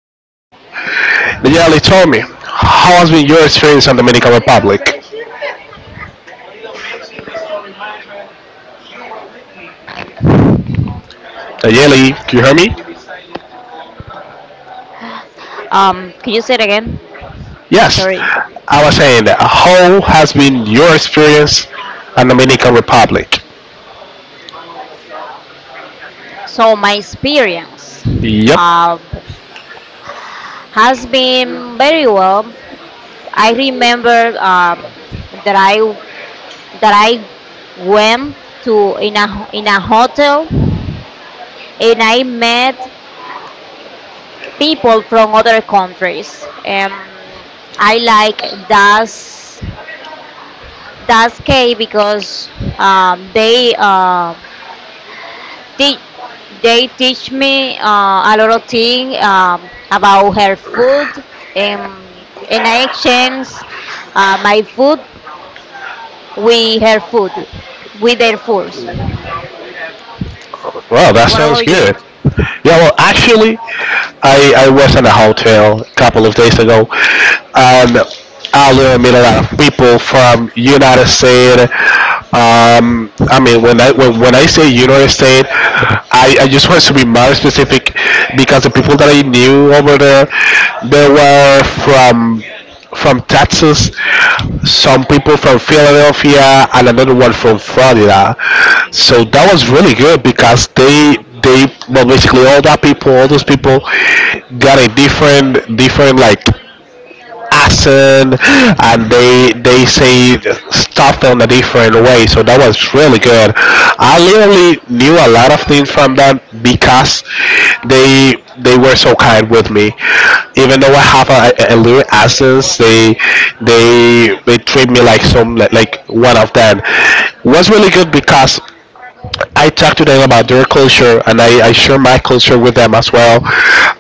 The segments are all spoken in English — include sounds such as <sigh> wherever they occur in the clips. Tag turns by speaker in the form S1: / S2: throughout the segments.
S1: culture. The Jelly, tell me, how has been your experience in the Dominican Republic? The Jelly, can you hear me?
S2: Could you say it again?
S1: Yes,
S2: Sorry.
S1: I was saying that. How has been your experience in the Dominican Republic?
S2: So my experience
S1: Yep.
S2: uh, has been very well. I remember that I that I went to in a hotel and I met people from other countries. I like that's K because they They, they teach me a lot of things about her food, and I exchange my food with her food, with their foods.
S1: Wow, that
S2: What
S1: sounds
S2: about you?
S1: good. Yeah, well, actually, I was in a hotel a couple of days ago, and I met a lot of people from United States. I mean, when I say United States, I just want to be more specific because the people that I knew over there, they were from Texas, some people from Philadelphia, and another one from Florida. So that was really good because they well, basically all that people, all those people got a different like accent, and they say stuff in a different way. So that was really good. I literally knew a lot of things from them because they were so kind with me. Even though I have a little accent, they treat me like like one of them. Was really good because I talk to them about their culture, and I share my culture with them as well.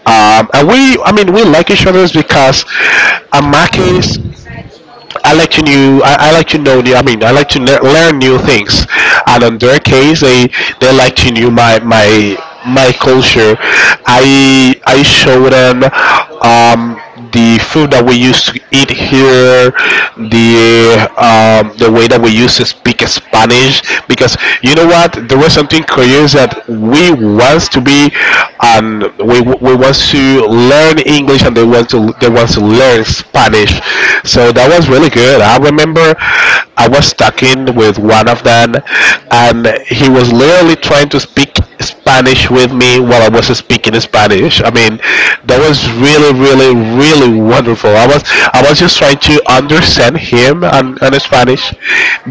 S1: And we, I mean, we like each other because, in my case, I like to new. I like to know new. I mean, I like to learn new things. And in their case, they like to know my my culture. I show them um, the food that we used to eat here, the way that we used to speak Spanish. Because you know what, there was something curious that we wants to be and we want to learn English and they want to learn Spanish. So that was really good. I remember I was talking with one of them, and he was literally trying to speak Spanish with me while I was speaking Spanish. I mean, that was really, really, really wonderful. I was just trying to understand him on Spanish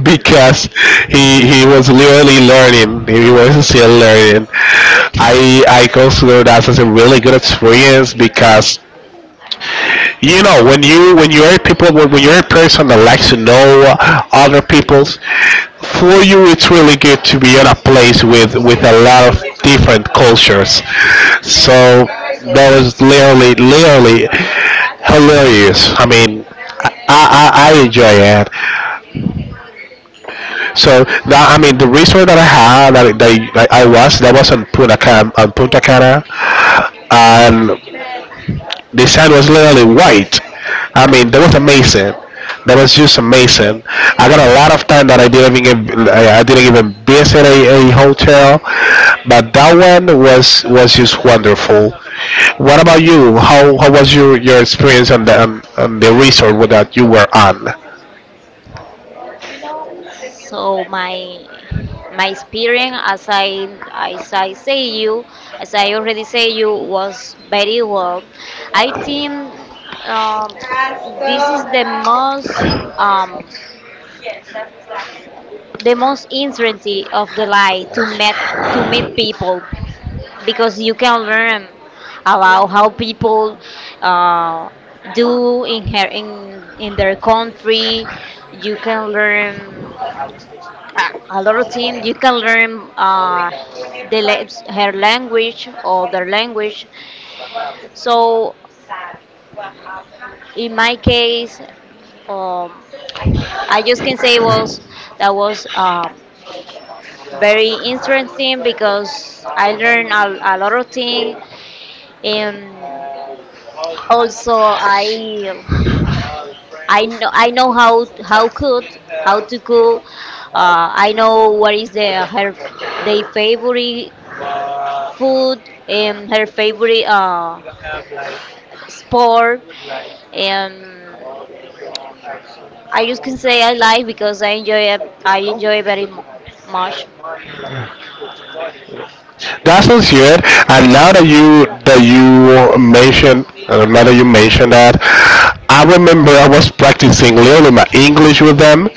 S1: because he was literally learning. He was still learning. I consider that as a really good experience because you know when you're a person that likes to know other people's. For you, it's really good to be in a place with a lot of different cultures. So that was literally hilarious. I mean, I enjoy it. So that I mean the resort that I had that, that I was that was on Punta Cana, and the shine was literally white. I mean, that was amazing. That was just amazing. I got a lot of time that I didn't even give, I didn't even visit a hotel, but that one was just wonderful. What about you? How was your experience on the on the resort that you were on?
S2: So my experience, as I say you, as I already say you, was very well. I think um, this is um, the most uncertainty of the lie to meet people because you can learn about how people uh, do in her in their country, you can learn a, a lot of things, you can learn the la- her language or their language. So in my case um, I just can say was that was very interesting because I learn a lot of things, and also I know I know how cook how to cook, I know what is the her their favorite food and her favorite sport. And I just can say I like because I enjoy it- I enjoy very mu- much.
S1: That sounds good. And now that you mentioned, now that you mentioned that, I remember I was practicing literally my English with them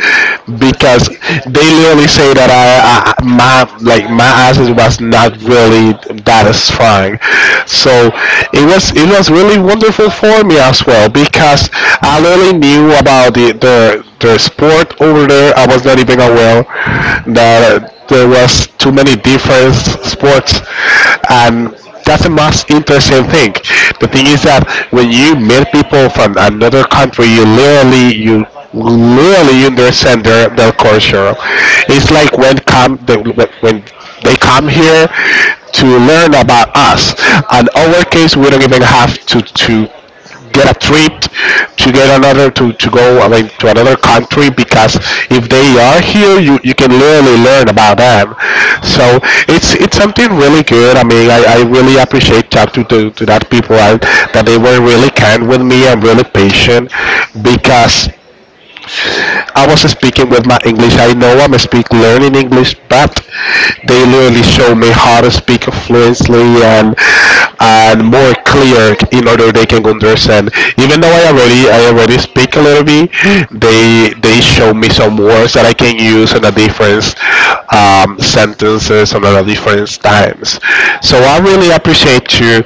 S1: because they literally say that I my like my accent was not really that strong. So it was really wonderful for me as well because I literally knew about the sport over there. I was not even aware that there was too many different sports, and that's the most interesting thing. The thing is that when you meet people from another country, you literally understand their culture. It's like when they come here to learn about us. In our case, we don't even have to get a trip to go, I mean, to another country because if they are here, you can literally learn about them. So it's something really good. I mean, I really appreciate talking to that people. That they were really kind with me and really patient because, like, I wasn't speaking with my English. I know I'm a speak learning English, but they literally show me how to speak fluently and more clear in order they can understand. Even though I already speak a little bit, they show me some words that I can use in a different sentences and at different times. So I really appreciate you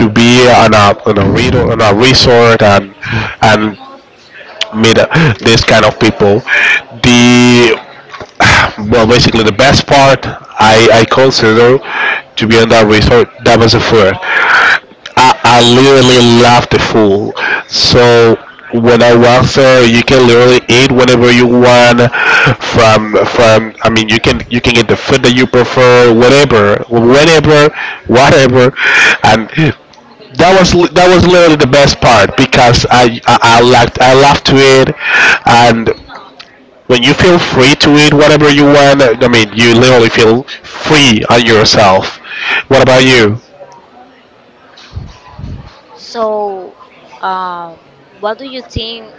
S1: to be on a read on a resort and and meet this kind of people. The Well, basically the best part I consider to be on that resort, that was the food. I literally love the food. So when I was there, you can literally eat whenever you want. From, I mean, you can get the food that you prefer, whatever, whenever, whatever, and that was literally the best part because I liked, I loved to eat. And when you feel free to eat whatever you want, I mean, you literally feel free on yourself. What about you?
S2: So um, what do you think?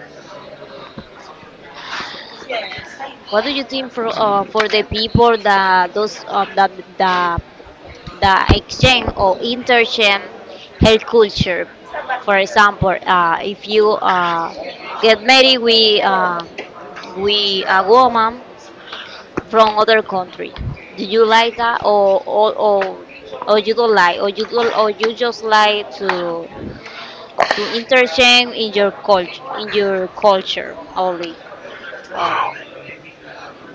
S2: What do you think for the people that those that the the exchange or interchange health culture? For example, if you get married with a woman from other country, do you like that or or you don't like or you don't, or you just like to interchange in your culture only, uh,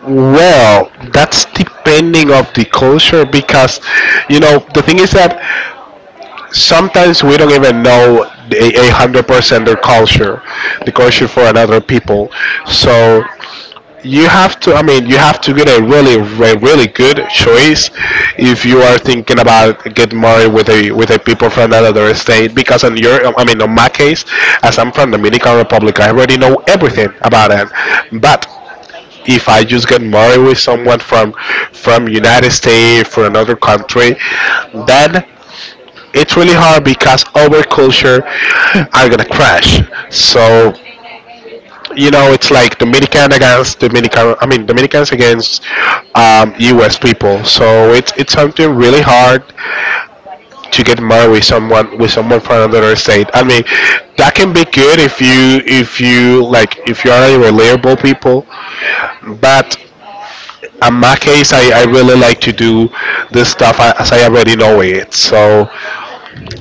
S1: Well, that's depending of the culture because, you know, the thing is that sometimes we don't even know 100% their culture, the culture for another people. So you have to, I mean, you have to get a really really good choice if you are thinking about getting married with a people from another state. Because in your, I mean, in my case, as I'm from Dominican Republic, I already know everything about it. But if I just get married with someone from United States, from another country, then it's really hard because our culture are gonna crash. So, you know, it's like Dominican against Dominican. I mean, Dominicans against U.S. people. So it's something really hard to get married with someone from another state. I mean, that can be good if you, if you are reliable people. But in my case, I really like to do this stuff as I already know it. So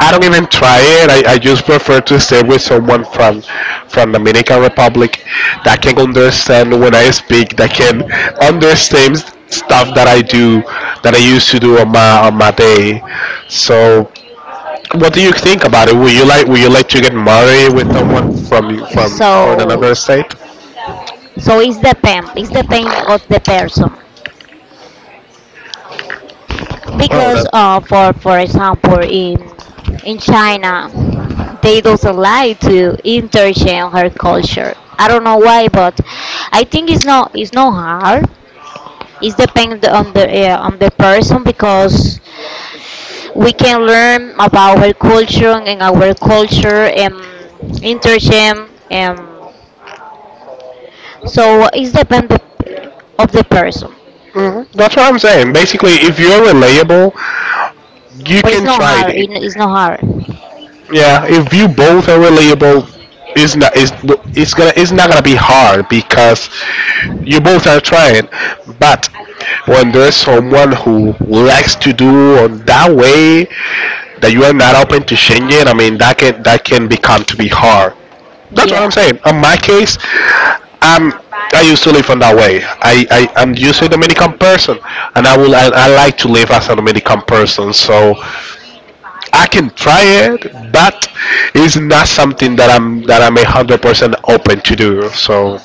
S1: I don't even try it. I just prefer to stay with someone from Dominican Republic that can understand when I speak, that can understand stuff that I do that I used to do on my day. So, what do you think about it? Would you like to get married with someone from
S2: so.
S1: another state?
S2: So it's the pain of the person.
S1: Oh,
S2: Because
S1: that's.
S2: for example in China, they don't like to interchange her culture. I don't know why, but I think it's not hard. It's depend on the person because we can learn about our culture and interchange, and so it's depend of the person.
S1: Mhm. That's what I'm saying. Basically, if you're reliable, you
S2: But it's
S1: can
S2: no
S1: try
S2: hard.
S1: it.
S2: It's no hard.
S1: Yeah, if you both are reliable, it's not it's, it's gonna, it's not gonna be hard because you both are trying. But when there's someone who likes to do on that way that you are not open to changing, I mean, that can become to be hard. That's what I'm
S2: Yeah,
S1: saying. On my case, I'm I used to live on that way. I'm usually a Dominican person, and I like to live as a Dominican person. So I can try it, but it's not something that I'm 100% open to do. So,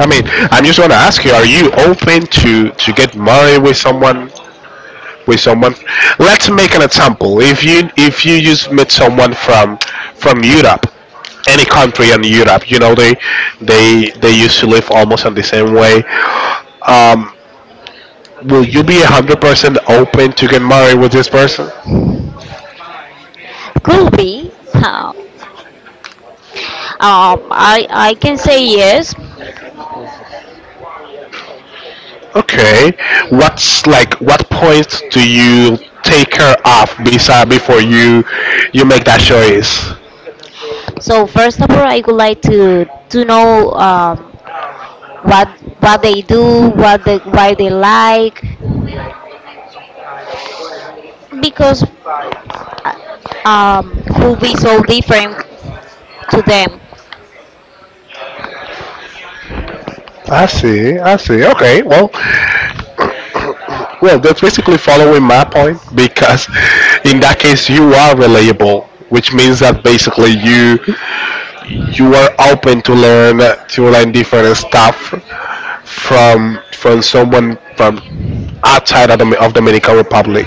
S1: I mean, I'm just gonna ask you: are you open to get married with someone? With someone, let's make an example. If you, just met someone from Europe, any country in Europe, you know they used to live almost in the same way. Um, will you be 100% open to get married with this person?
S2: could be. Huh. I can say yes.
S1: Okay. What's like what point do you take her off beside before you make that choice?
S2: So first of all, I would like to know what what they do, what they why they like, because uh, could be so different to them.
S1: I see. I see. Okay. Well, that's basically following my point because in that case you are reliable, which means that basically you are open to learn different stuff from someone from outside of the of Dominican Republic.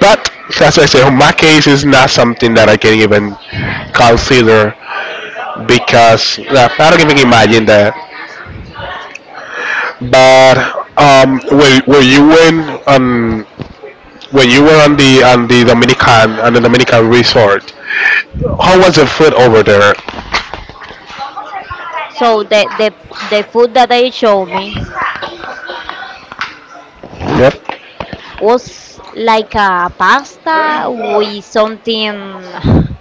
S1: But as I say, my case is not something that I can even consider because I don't even imagine that. But were you in when you were on the on the Dominican resort? How was the food over there?
S2: So the food that they showed me
S1: Yep.
S2: was like a pasta with something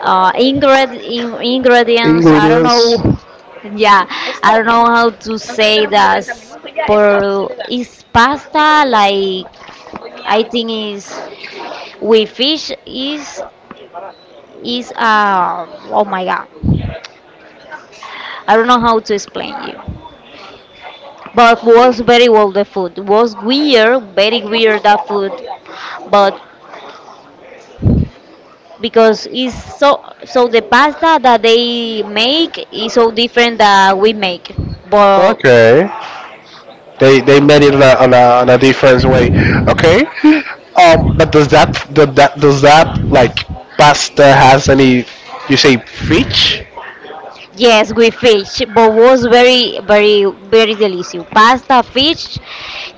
S2: ingredients. I don't know. <laughs> Yeah, I don't know how to say that. Por is pasta like I think is with fish is oh my god. I don't know how to explain you. But was very well the food. Was weird, very weird that food. But because it's so so the pasta that they make is so different that we make. But
S1: Okay. They made it on on a different way. Okay. <laughs> But does that, does that like pasta has any? You say fish?
S2: yes, with fish, but was very, very, very delicious. Pasta, fish,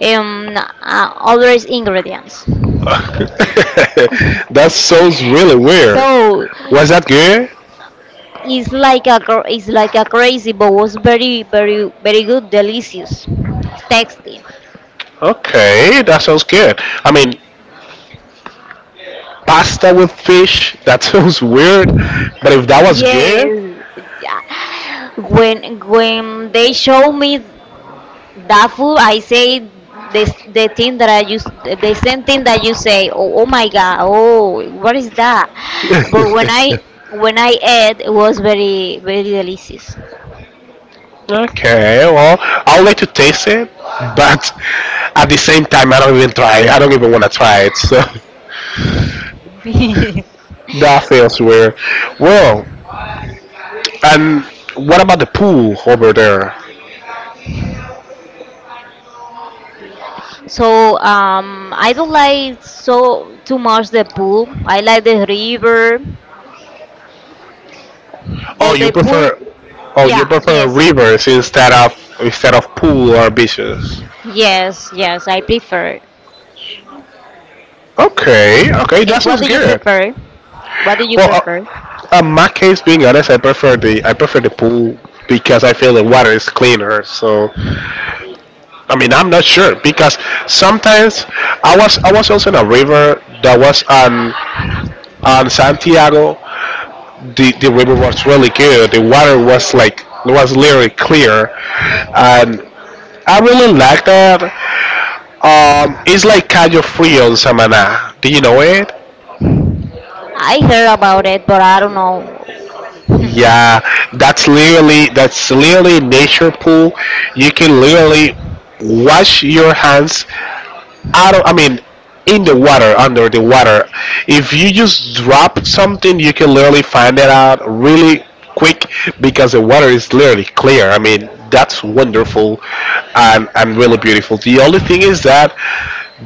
S2: always ingredients.
S1: <laughs>
S2: <laughs>
S1: That sounds really weird.
S2: So
S1: Was that good?
S2: it's like a cr- it's like a crazy, but was very, very, very good, delicious, tasty.
S1: Okay, that sounds good. I mean, pasta with fish, <laughs> that sounds weird, but if that was good,
S2: Yes, yeah. When they show me that food, I say this the thing that I use the same thing that you say. Oh, oh my God! Oh, what is that? But
S1: <laughs>
S2: when I ate, it was very very delicious.
S1: okay, well, I would like to taste it, but at the same time, I don't even try. It. I don't even want to try it, so
S2: <laughs>
S1: <laughs> that feels weird. Well, and what about the pool over there?
S2: So I don't like so too much the pool. I like the river.
S1: Oh,
S2: Well,
S1: you
S2: the pool,
S1: prefer, oh, you
S2: yeah,
S1: prefer
S2: yes,
S1: rivers instead of pool or beaches.
S2: yes, yes. I prefer.
S1: Okay, okay, that
S2: And what
S1: sounds
S2: do you
S1: good.
S2: prefer? What do you
S1: Well,
S2: prefer?
S1: in my case, being honest, I prefer the pool because I feel the water is cleaner. So, I mean, I'm not sure because sometimes I was also in a river that was on Santiago. The river was really good. The water was was literally clear, and I really like that. It's like Cayo Frio on Samaná. Do you know it?
S2: I heard about it, but I don't know.
S1: Yeah, that's literally nature pool. You can literally wash your hands out of, I mean, in the water, under the water. If you just drop something, you can literally find it out really quick because the water is literally clear. I mean, that's wonderful and really beautiful. The only thing is that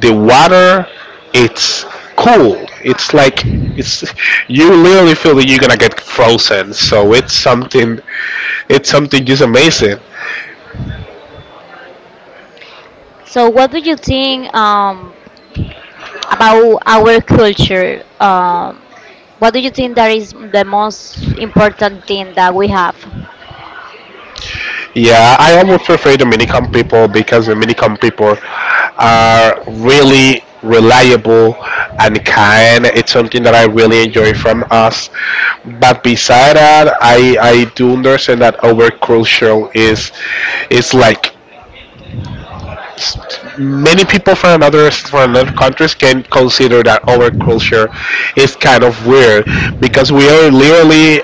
S1: the water, it's cool. It's like it's you literally feel that you're gonna get frozen. So it's something just amazing.
S2: So, what do you think about our culture? What do you think that is the most important thing that we have?
S1: Yeah, I almost prefer the minicom people because the minicom people are really reliable and kind. It's something that I really enjoy from us. But beside that, I do understand that our culture is is like s- many people from another countries can consider that our culture is kind of weird because we are literally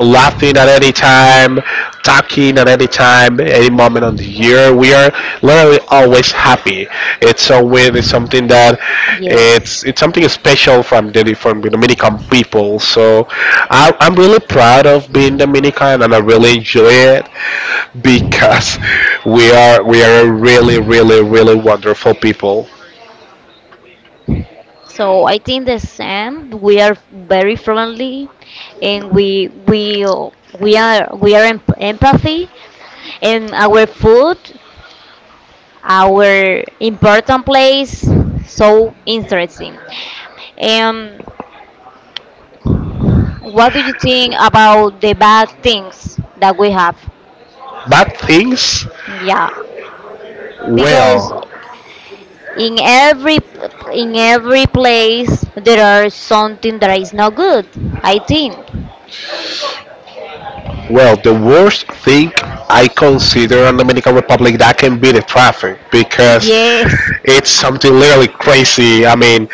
S1: laughing at any time, talking at any time, any moment of the year. We are literally always happy. It's so weird.
S2: Yes.
S1: It's something special from the Dominican people. So I'm really proud of being Dominican, and I really enjoy it because we are a really really really wonderful people.
S2: So I think the same. We are very friendly, and we we are em- empathy, and our food, our important place, so interesting. And what do you think about the bad things that we have?
S1: Bad things,
S2: Yeah, because
S1: well.
S2: in every in every place there are something that is not good. I think.
S1: Well, the worst thing I consider in the Dominican Republic that can be the traffic because
S2: Yes.
S1: it's
S2: <laughs> Ah,
S1: something literally crazy. I mean,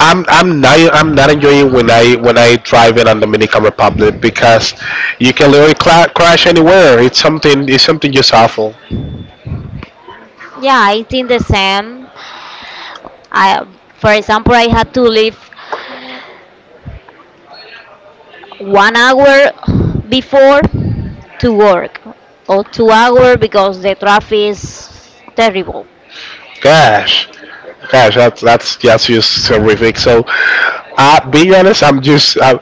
S1: I'm not enjoying when I drive in on Dominican Republic because you can literally cla crash anywhere. It's something just awful.
S2: yeah, I think the same. I, for example, I had to leave 1 hour before to work, or 2 hour because the traffic is terrible.
S1: Gosh, gosh, that's just terrific. So, being honest, I'm just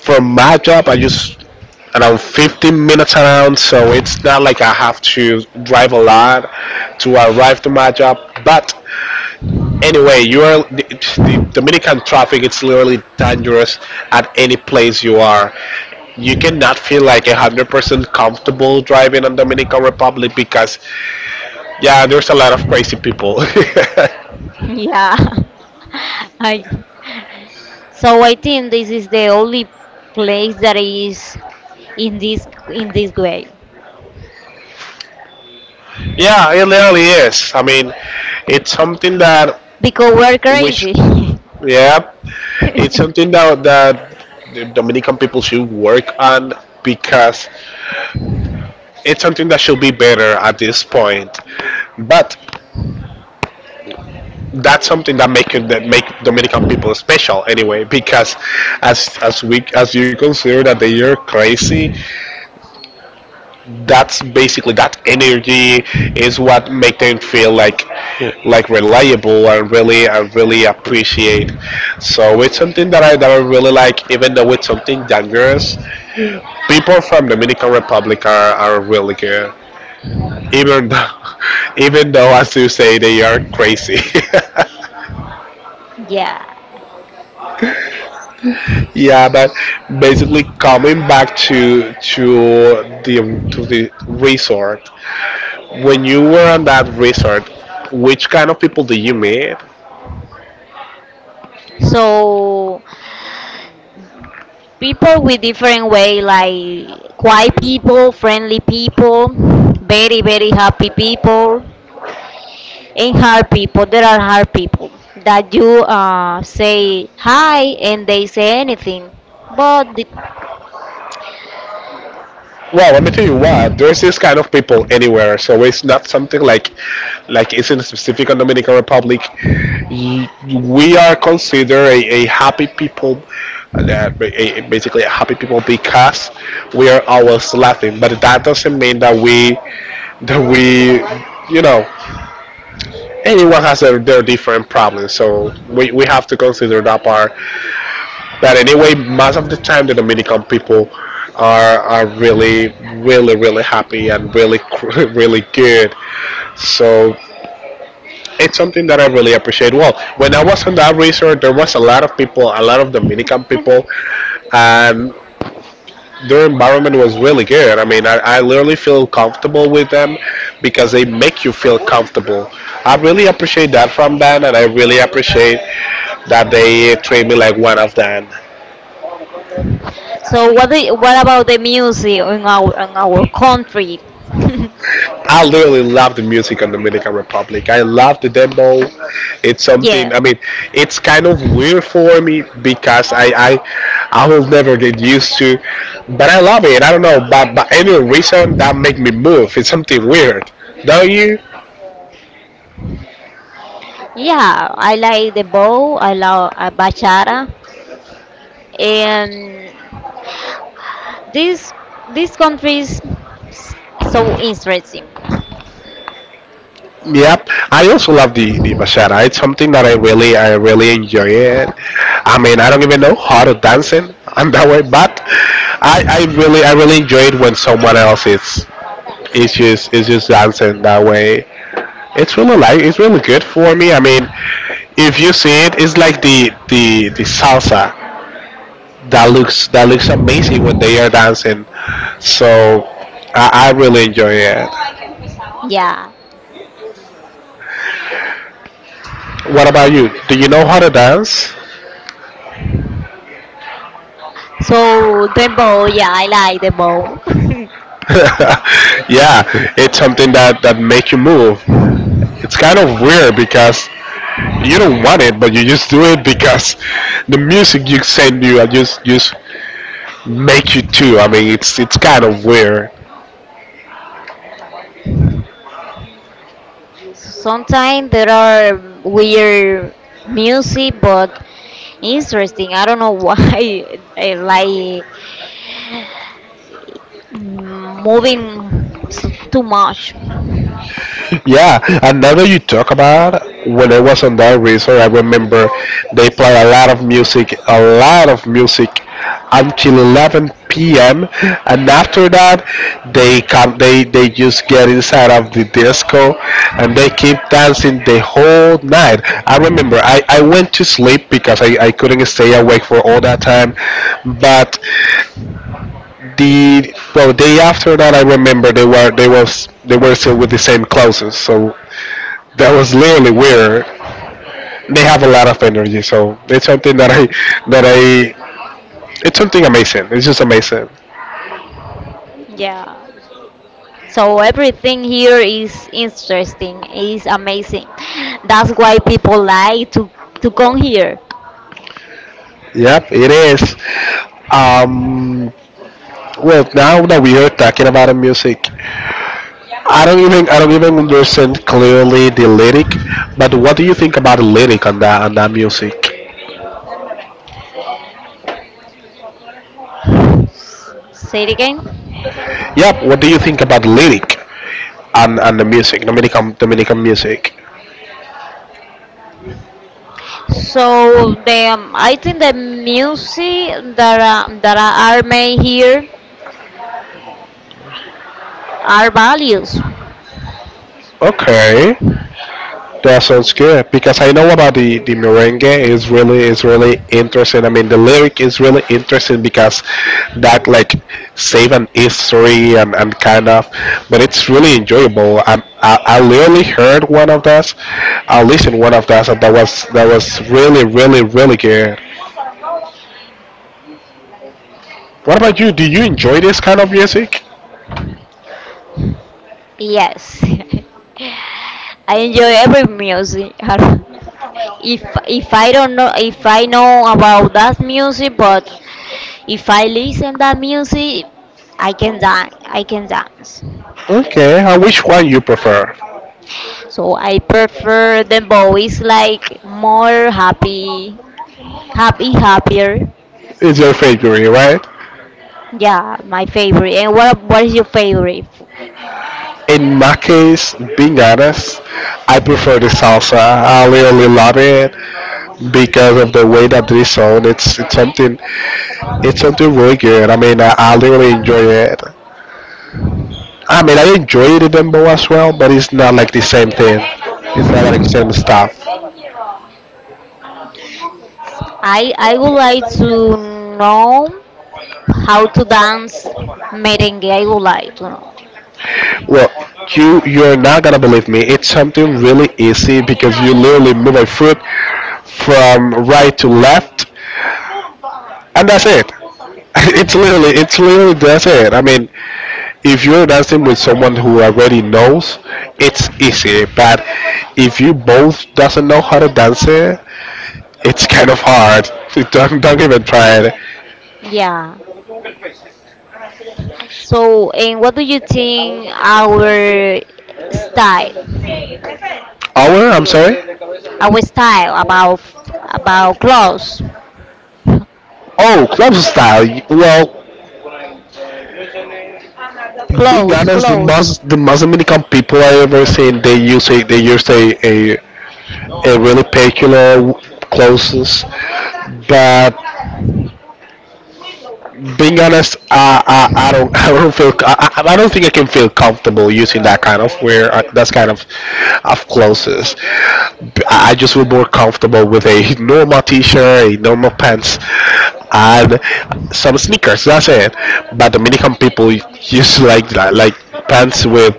S1: from my job, I just around 15 minutes around, so it's not like I have to drive a lot to arrive to my job. But anyway, the Dominican traffic. It's literally dangerous at any place you are. You cannot feel like 100% comfortable driving in Dominican Republic because yeah, there's a lot of crazy people. <laughs>
S2: <laughs> Yeah. <laughs> I. So I think this is the only place that is in this way
S1: Yeah, it really is. I mean, it's something that
S2: because we're
S1: which
S2: crazy.
S1: yeah, it's something
S2: <laughs>
S1: that that the Dominican people should work on because it's something that should be better at this point. But that's something that that make Dominican people special anyway because as you consider that they are crazy, that's basically that energy is what make them feel like reliable and really I really appreciate. So it's something that I really like, even though it's something dangerous. People from Dominican Republic are really good. Even though <laughs> even though as you say they are crazy.
S2: Yeah.
S1: <laughs> Yeah, but basically coming back to to the resort. When you were on that resort, which kind of people did you meet?
S2: So people with different way like quiet people, friendly people, very very happy people, and hard people. There are hard people that you say hi and they say anything, but the.
S1: Well, let me tell you what. There's this kind of people anywhere, so it's not something like it's in specific on Dominican Republic. We are considered a happy people, uh, a, basically a happy people because we are always laughing. But that doesn't mean that we, you know, anyone has their different problems. So we have to consider that part. But anyway, most of the time the Dominican people are really, really, really happy and really, <laughs> really good. So it's something that I really appreciate. Well, when I was on that resort, there was a lot of people, a lot of Dominican people, and their environment was really good. I mean, I literally feel comfortable with them because they make you feel comfortable. I really appreciate that from them, and I really appreciate that they treat me like one of them.
S2: So what do you- what about the music in our country? <laughs>
S1: I literally love the music on Dominican Republic. I love the demo. It's something.
S2: Yeah,
S1: I mean, it's kind of weird for me because I will never get used to, but I love it. I don't know, but by any reason that make me move. It's something weird, don't you?
S2: yeah. I like the bow. I love bachata, and this this country is s- so interesting.
S1: Yep. I also love the bachata. It's something that I really enjoy it. I mean, I don't even know how to dance it. I'm that way, but I really enjoy it when someone else is it's just dancing that way. It's really good for me. I mean, if you see it, it's like the salsa that looks amazing when they are dancing. So I really enjoy it.
S2: Yeah.
S1: What about you? Do you know how to dance?
S2: So the bow. Yeah, I like the bow.
S1: <laughs> Yeah, it's something that makes you move. It's kind of weird because you don't want it, but you just do it because the music you send you are just make you too. I mean, it's kind of weird.
S2: <laughs> Sometimes there are weird music, but interesting. I don't know why <laughs> I like moving s- too much.
S1: Yeah, and now that you talk about when I was on that resort, I remember they play a lot of music, a lot of music until 11 p.m. and after that they come they just get inside of the disco and they keep dancing the whole night. I remember I went to sleep because I couldn't stay awake for all that time, but the well day after that I remember they were still with the same clothes, so that was literally weird. They have a lot of energy, so it's something that I it's something amazing. It's just amazing.
S2: Yeah. So everything here is interesting, is amazing. That's why people like to come here.
S1: Yep, it is. um well, now that we are talking about music, I don't even understand clearly the lyric, but what do you think about the lyric on that music?
S2: Say it again.
S1: Yep, what do you think about the lyric and the music, Dominican music.
S2: So the I think the music that are made here are values.
S1: Okay, that sounds good because I know about the merengue is really interesting. I mean, the lyric is really interesting because that like save an history and kind of, but it's really enjoyable. I literally heard one of those, I listened one of those, and that was really really really good. What about you? Do you enjoy this kind of music?
S2: Yes, <laughs> I enjoy every music. <laughs> If I don't know if I know about that music, but if I listen that music, I can dance. I can dance.
S1: Okay, and which one you prefer?
S2: So I prefer the boys like more happy, happy, happier.
S1: Is your favorite, right?
S2: Yeah, my favorite. And what is your favorite?
S1: In my case, being honest, I prefer the salsa. I really really love it because of the way that this song. It's something really good. I mean, I really enjoy it. I mean, I enjoy the dembow as well, but it's not like the same thing. It's not like the same stuff.
S2: I would like to know how to dance merengue. I would like to know.
S1: Well, you you're not gonna believe me. It's something really easy because you literally move a foot from right to left and that's it. <laughs> It's literally that's it. I mean, if you're dancing with someone who already knows, it's easy. But if you both doesn't know how to dance it, it's kind of hard. <laughs> Don't even try it.
S2: Yeah. So, and what do you think style,
S1: Our, I'm sorry.
S2: our style about clothes,
S1: Oh, club style. Well, being
S2: clothes,
S1: honest,
S2: clothes?
S1: the most Dominican people I ever seen, they use a a really peculiar clothes, but being honest, I don't <laughs> I don't feel I don't think I can feel comfortable using that kind of wear that's kind of clothes. I just feel more comfortable with a normal t-shirt, a normal pants, and some sneakers. That's it. But Dominican people used to like that, like pants with